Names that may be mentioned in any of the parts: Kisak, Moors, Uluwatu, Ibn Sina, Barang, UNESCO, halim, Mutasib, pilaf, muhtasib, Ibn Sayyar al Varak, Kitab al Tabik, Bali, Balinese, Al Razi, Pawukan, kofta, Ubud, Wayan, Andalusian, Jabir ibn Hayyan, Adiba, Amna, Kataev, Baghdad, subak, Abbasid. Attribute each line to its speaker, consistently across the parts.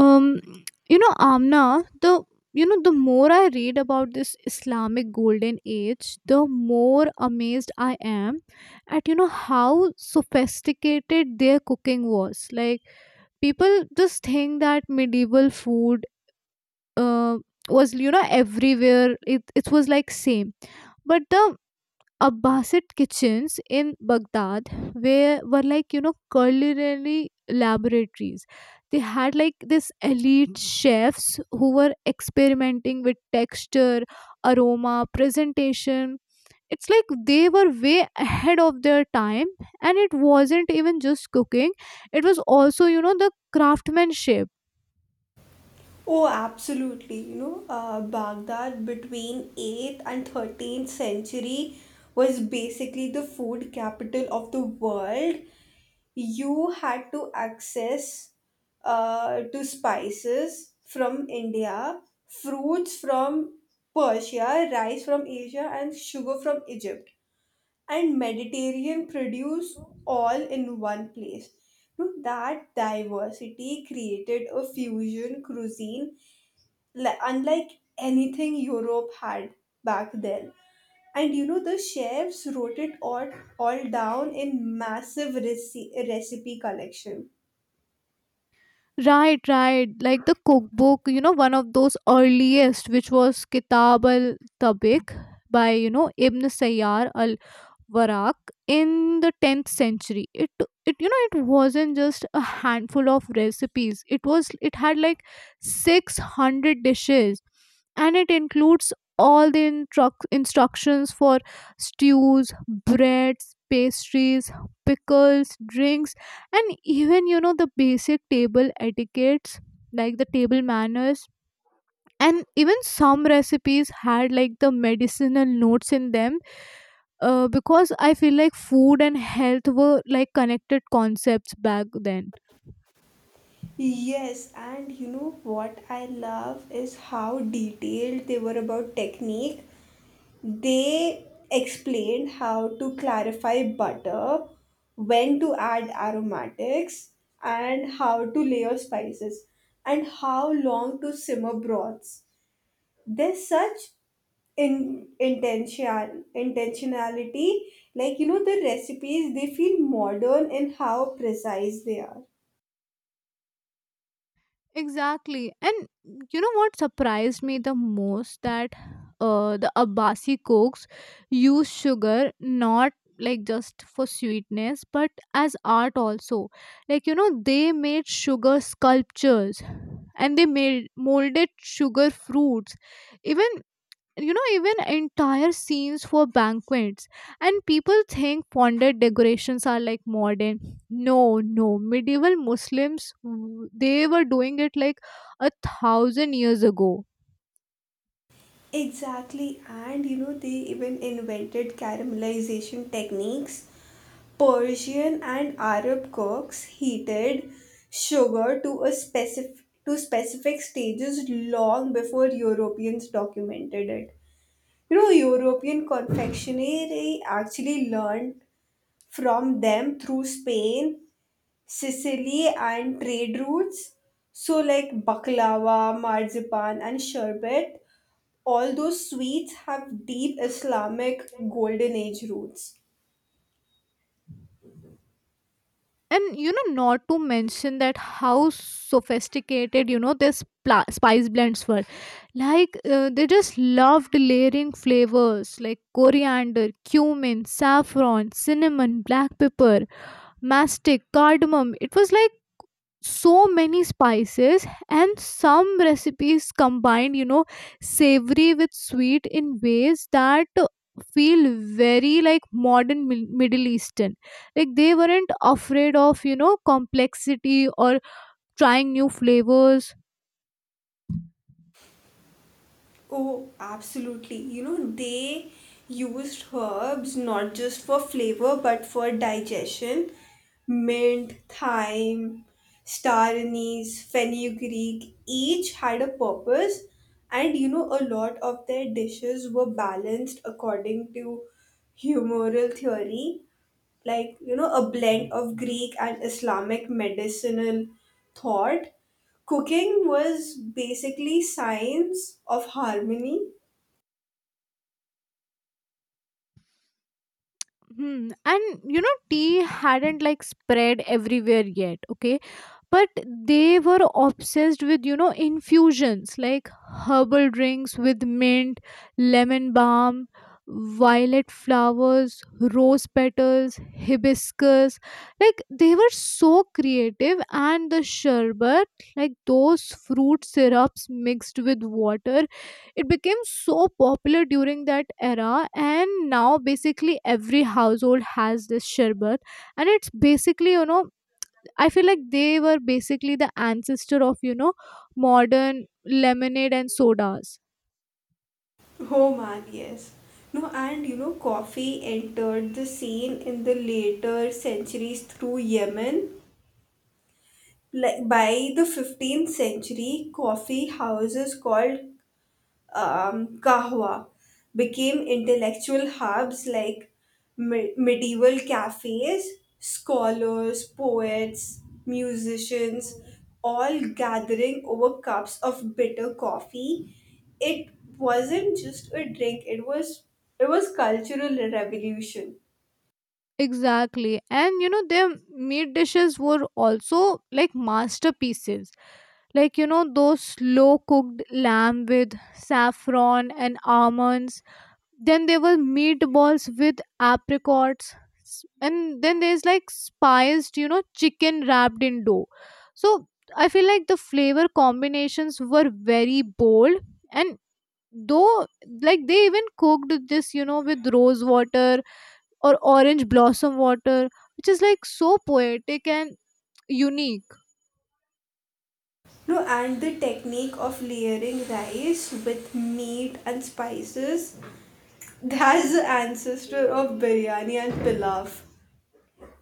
Speaker 1: um Amna, the the more I read about this Islamic golden age, the more amazed I am at, how sophisticated their cooking was. Like, people just think that medieval food uh, was, everywhere. It was like same. But the Abbasid kitchens in Baghdad where were like, culinary laboratories. They had like this elite chefs who were experimenting with texture, aroma, presentation. It's like they were way ahead of their time, and it wasn't even just cooking; it was also, the craftsmanship.
Speaker 2: Oh, absolutely. You know, Baghdad between 8th and 13th century was basically the food capital of the world. You had to access to spices from India, fruits from Persia, rice from Asia, and sugar from Egypt, and Mediterranean produce all in one place. That diversity created a fusion cuisine unlike anything Europe had back then. And you know, the chefs wrote it all down in massive recipe collection.
Speaker 1: Right, right. Like the cookbook, one of those earliest, which was Kitab al Tabik by, Ibn Sayyar al Varak in the 10th century. It you know it wasn't just a handful of recipes. It had like 600 dishes, and it includes all the instructions for stews, breads, pastries, pickles, drinks, and even, the basic table etiquettes, like the table manners. And even some recipes had like the medicinal notes in them, because I feel like food and health were like connected concepts back then.
Speaker 2: Yes, and you know what I love is how detailed they were about technique. They explained how to clarify butter, when to add aromatics, and how to layer spices, and how long to simmer broths. There's such in intention intentionality. Like you know the recipes, they feel modern in how precise they are.
Speaker 1: Exactly. And, what surprised me the most, that the Abbasi cooks use sugar, not like just for sweetness but as art also. Like, they made sugar sculptures and they made molded sugar fruits. Even you know even entire scenes for banquets. And people think fondant decorations are like modern. No, no, medieval Muslims, they were doing it like a thousand years ago.
Speaker 2: Exactly. And you know they even invented caramelization techniques. Persian and Arab cooks heated sugar to a specific stages long before Europeans documented it. You know, European confectionery actually learned from them through Spain, Sicily, and trade routes. So, like baklava, marzipan, and sherbet, all those sweets have deep Islamic golden age roots.
Speaker 1: And, not to mention that how sophisticated, this spice blends were. Like, they just loved layering flavors like coriander, cumin, saffron, cinnamon, black pepper, mastic, cardamom. It was like so many spices, and some recipes combine, savory with sweet in ways that feel very like modern middle eastern. Like, they weren't afraid of, complexity or trying new flavors.
Speaker 2: Oh, absolutely. You know, they used herbs not just for flavor but for digestion. Mint, thyme, star anise, fenugreek, each had a purpose. And you know, a lot of their dishes were balanced according to humoral theory, like you know a blend of Greek and Islamic medicinal thought. Cooking was basically science of harmony.
Speaker 1: Hmm. And, tea hadn't like spread everywhere yet, okay, but they were obsessed with, infusions like herbal drinks with mint, lemon balm, violet flowers, rose petals, hibiscus. Like, they were so creative. And the sherbet, like those fruit syrups mixed with water, it became so popular during that era, and now basically every household has this sherbet. And it's basically, I feel like they were basically the ancestor of, modern lemonade and sodas.
Speaker 2: Oh man, yes. No, and you know coffee entered the scene in the later centuries through Yemen. Like, by the 15th century, coffee houses called kahwa became intellectual hubs, like medieval cafes, scholars, poets, musicians, all gathering over cups of bitter coffee. It wasn't just a drink, it was cultural revolution.
Speaker 1: Exactly. And, their meat dishes were also like masterpieces. Like, those slow cooked lamb with saffron and almonds. Then there were meatballs with apricots. And then there's like spiced, chicken wrapped in dough. So I feel like the flavor combinations were very bold, and though, like, they even cooked this, with rose water or orange blossom water, which is like so poetic and unique.
Speaker 2: No, and the technique of layering rice with meat and spices, that's the ancestor of biryani and pilaf.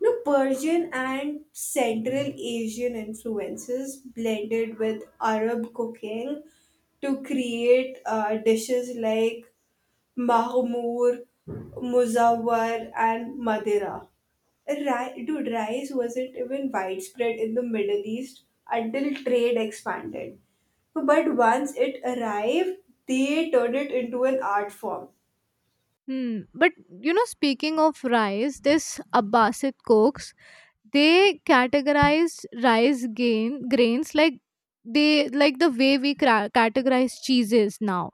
Speaker 2: No, Persian and Central Asian influences blended with Arab cooking to create dishes like mahmoor, muzawar, and madira. Dude, rice wasn't even widespread in the Middle East until trade expanded. But once it arrived, they turned it into an art form.
Speaker 1: Hmm. But, speaking of rice, this Abbasid cooks, they categorize rice, gain grains, like, they, like the way we categorize cheeses now.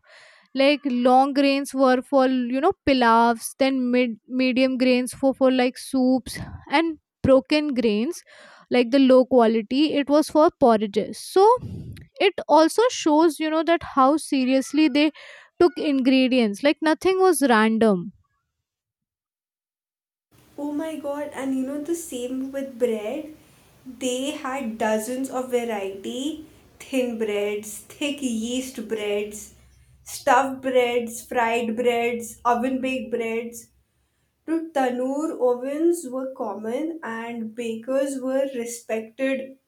Speaker 1: Like, long grains were for, pilavs. Then mid medium grains for like soups. And broken grains, like the low quality, it was for porridges. So it also shows, that how seriously they took ingredients, like nothing was random.
Speaker 2: Oh my god, and you know the same with bread. They had dozens of variety, thin breads, thick yeast breads, stuffed breads, fried breads, oven baked breads. Dude, tandoor ovens were common and bakers were respected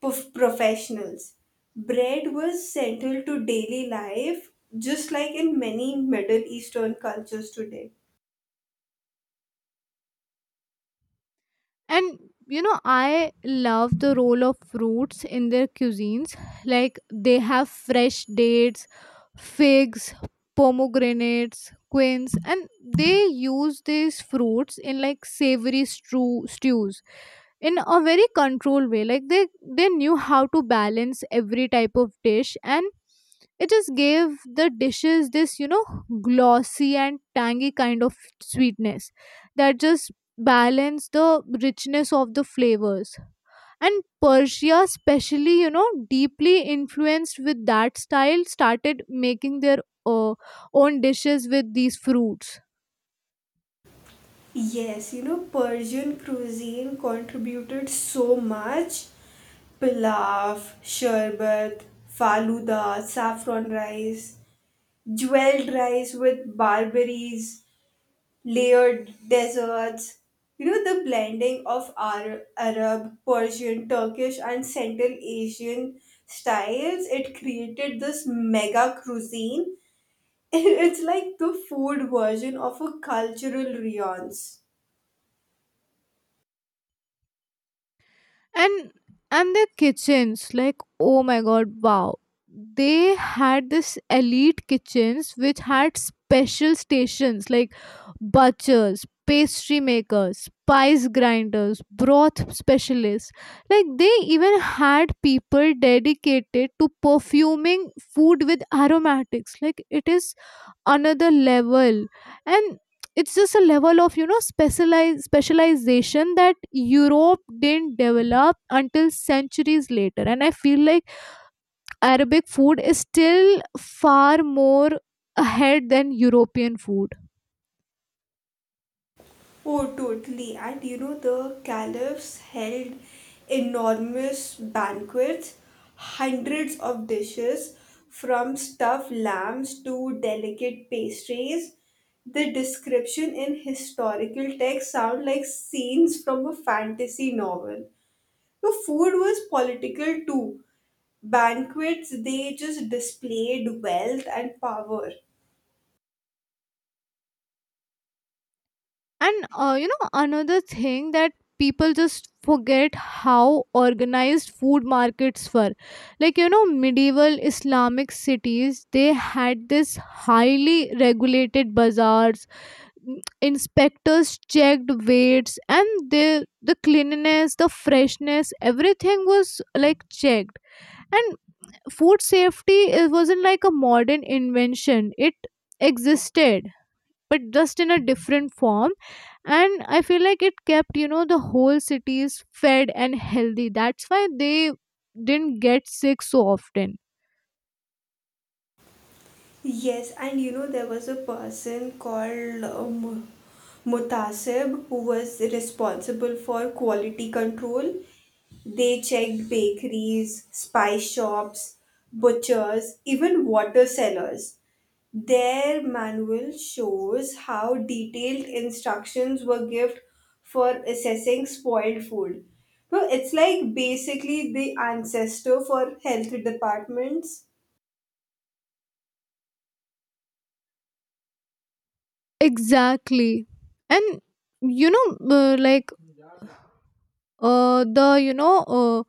Speaker 2: professionals. Bread was central to daily life, just like in many Middle Eastern cultures today.
Speaker 1: And, I love the role of fruits in their cuisines. Like, they have fresh dates, figs, pomegranates, quince, and they use these fruits in, like, savory stews in a very controlled way. Like, they knew how to balance every type of dish, and it just gave the dishes this, glossy and tangy kind of sweetness that just balance the richness of the flavors. And Persia especially, deeply influenced with that style, started making their uh, own dishes with these fruits.
Speaker 2: Yes, you know, Persian cuisine contributed so much. Pilaf, sherbet, faluda, saffron rice, jeweled rice with barberries, layered desserts. You know, the blending of Arab, Persian, Turkish, and Central Asian styles, it created this mega cuisine. It's like the food version of a cultural riance.
Speaker 1: And and their kitchens, like, oh my god, wow, they had this elite kitchens which had special stations like butchers, pastry makers, spice grinders, broth specialists. Like, they even had people dedicated to perfuming food with aromatics. Like, it is another level, and it's just a level of, specialized specialization that Europe didn't develop until centuries later. And I feel like Arabic food is still far more ahead than European food.
Speaker 2: Oh, totally. And you know, the caliphs held enormous banquets, hundreds of dishes, from stuffed lambs to delicate pastries. The description in historical texts sound like scenes from a fantasy novel. The food was political too. Banquets, they just displayed wealth and power.
Speaker 1: And, another thing that people just forget, how organized food markets were. Like, medieval Islamic cities, they had this highly regulated bazaars. Inspectors checked weights and the cleanliness, the freshness, everything was like checked. And food safety, it wasn't like a modern invention, it existed, but just in a different form. And I feel like it kept, the whole cities fed and healthy, that's why they didn't get sick so often.
Speaker 2: Yes, and you know, there was a person called Mutasib who was responsible for quality control. They checked bakeries, spice shops, butchers, even water cellars. Their manual shows how detailed instructions were given for assessing spoiled food. So it's like basically the ancestor for health departments.
Speaker 1: Exactly. And, you know like, the,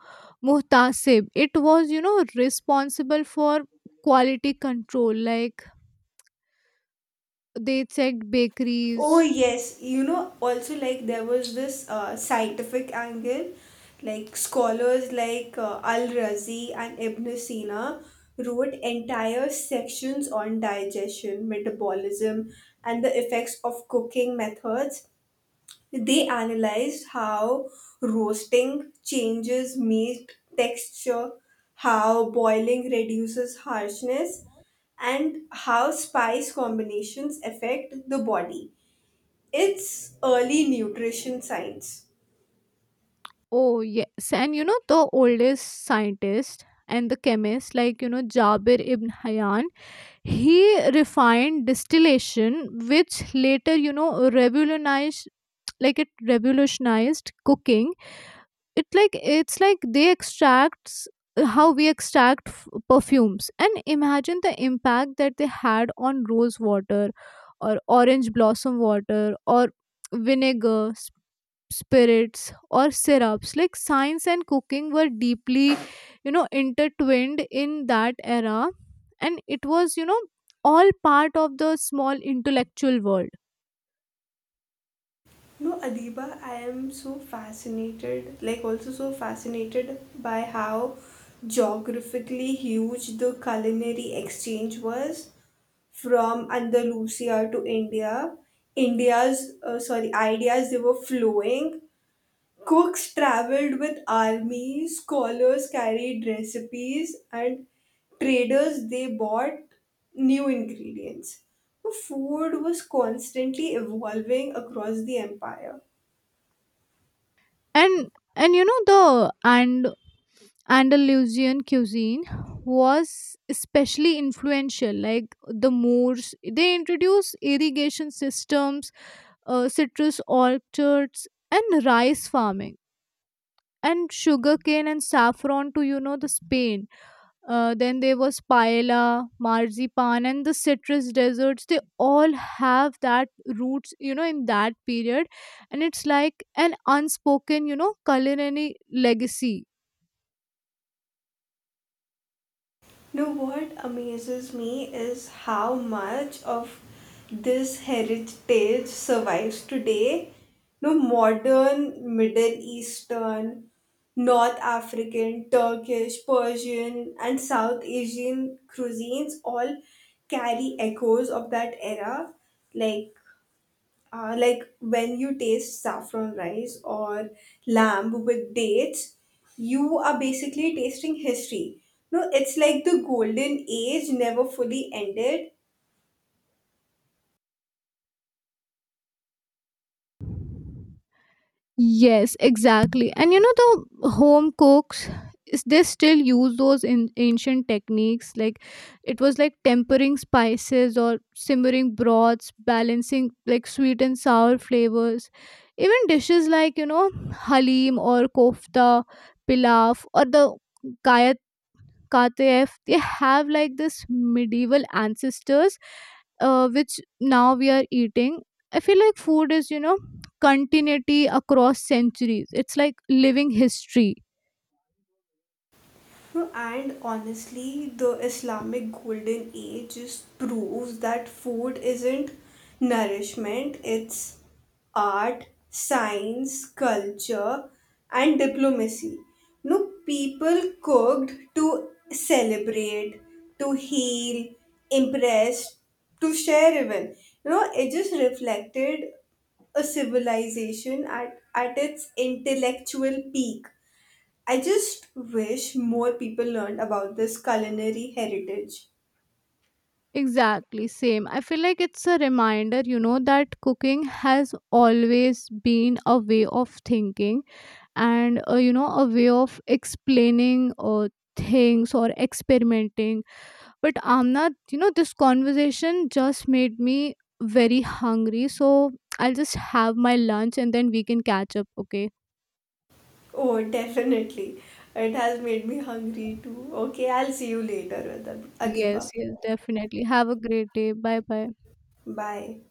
Speaker 1: muhtasib, it was, responsible for quality control, like, they checked
Speaker 2: Oh
Speaker 1: bakeries.
Speaker 2: yes, you know, also like there was this scientific angle, like scholars like Al Razi and Ibn Sina wrote entire sections on digestion, metabolism, and the effects of cooking methods. They analyzed how roasting changes meat texture, how boiling reduces harshness, and how spice combinations affect the body. It's early nutrition science.
Speaker 1: Oh yes. And, the oldest scientist and the chemist, like, Jabir ibn Hayyan, he refined distillation, which later, revolutionized, like, it revolutionized cooking. It, like, it's like they extracts, how we extract perfumes, and imagine the impact that they had on rose water or orange blossom water or vinegar, spirits, or syrups. Like, science and cooking were deeply, intertwined in that era, and it was, all part of the small intellectual world.
Speaker 2: No, Adiba, I am so fascinated, like also so fascinated by how geographically huge the culinary exchange was from Andalusia to India. India's, sorry, ideas they were flowing. Cooks traveled with armies, scholars carried recipes, and traders they bought new ingredients. Food was constantly evolving across the empire.
Speaker 1: And and, the and Andalusian cuisine was especially influential. Like, the Moors, they introduced irrigation systems, citrus orchards and rice farming and sugarcane and saffron to, the Spain. Then there was paella, marzipan, and the citrus desserts, they all have that roots, in that period. And it's like an unspoken, culinary legacy.
Speaker 2: No, what amazes me is how much of this heritage survives today. No, modern Middle Eastern, North African, Turkish, Persian, and South Asian cuisines all carry echoes of that era, like like when you taste saffron rice or lamb with dates, you are basically tasting history. No, it's like the golden age never fully ended.
Speaker 1: Yes, exactly. And, the home cooks is they still use those in ancient techniques, like it was like tempering spices or simmering broths, balancing like sweet and sour flavors. Even dishes like, halim or kofta, pilaf or the Kataev, they have like this medieval ancestors, which now we are eating. I feel like food is, continuity across centuries. It's like living history.
Speaker 2: No, and honestly, the Islamic golden age just proves that food isn't nourishment, it's art, science, culture, and diplomacy. No, people cooked to celebrate, to heal, impress, to share even. You know, it just reflected a civilization at its intellectual peak. I just wish more people learned about this culinary heritage.
Speaker 1: Exactly, same. I feel like it's a reminder, that cooking has always been a way of thinking, and, a way of explaining things or experimenting. But Amna, this conversation just made me very hungry. So I'll just have my lunch and then we can catch up, okay?
Speaker 2: Oh, definitely. It has made me hungry too. Okay, I'll see you later,
Speaker 1: Yes,
Speaker 2: Adiba.
Speaker 1: yes, definitely. Have a great day. Bye bye.
Speaker 2: Bye.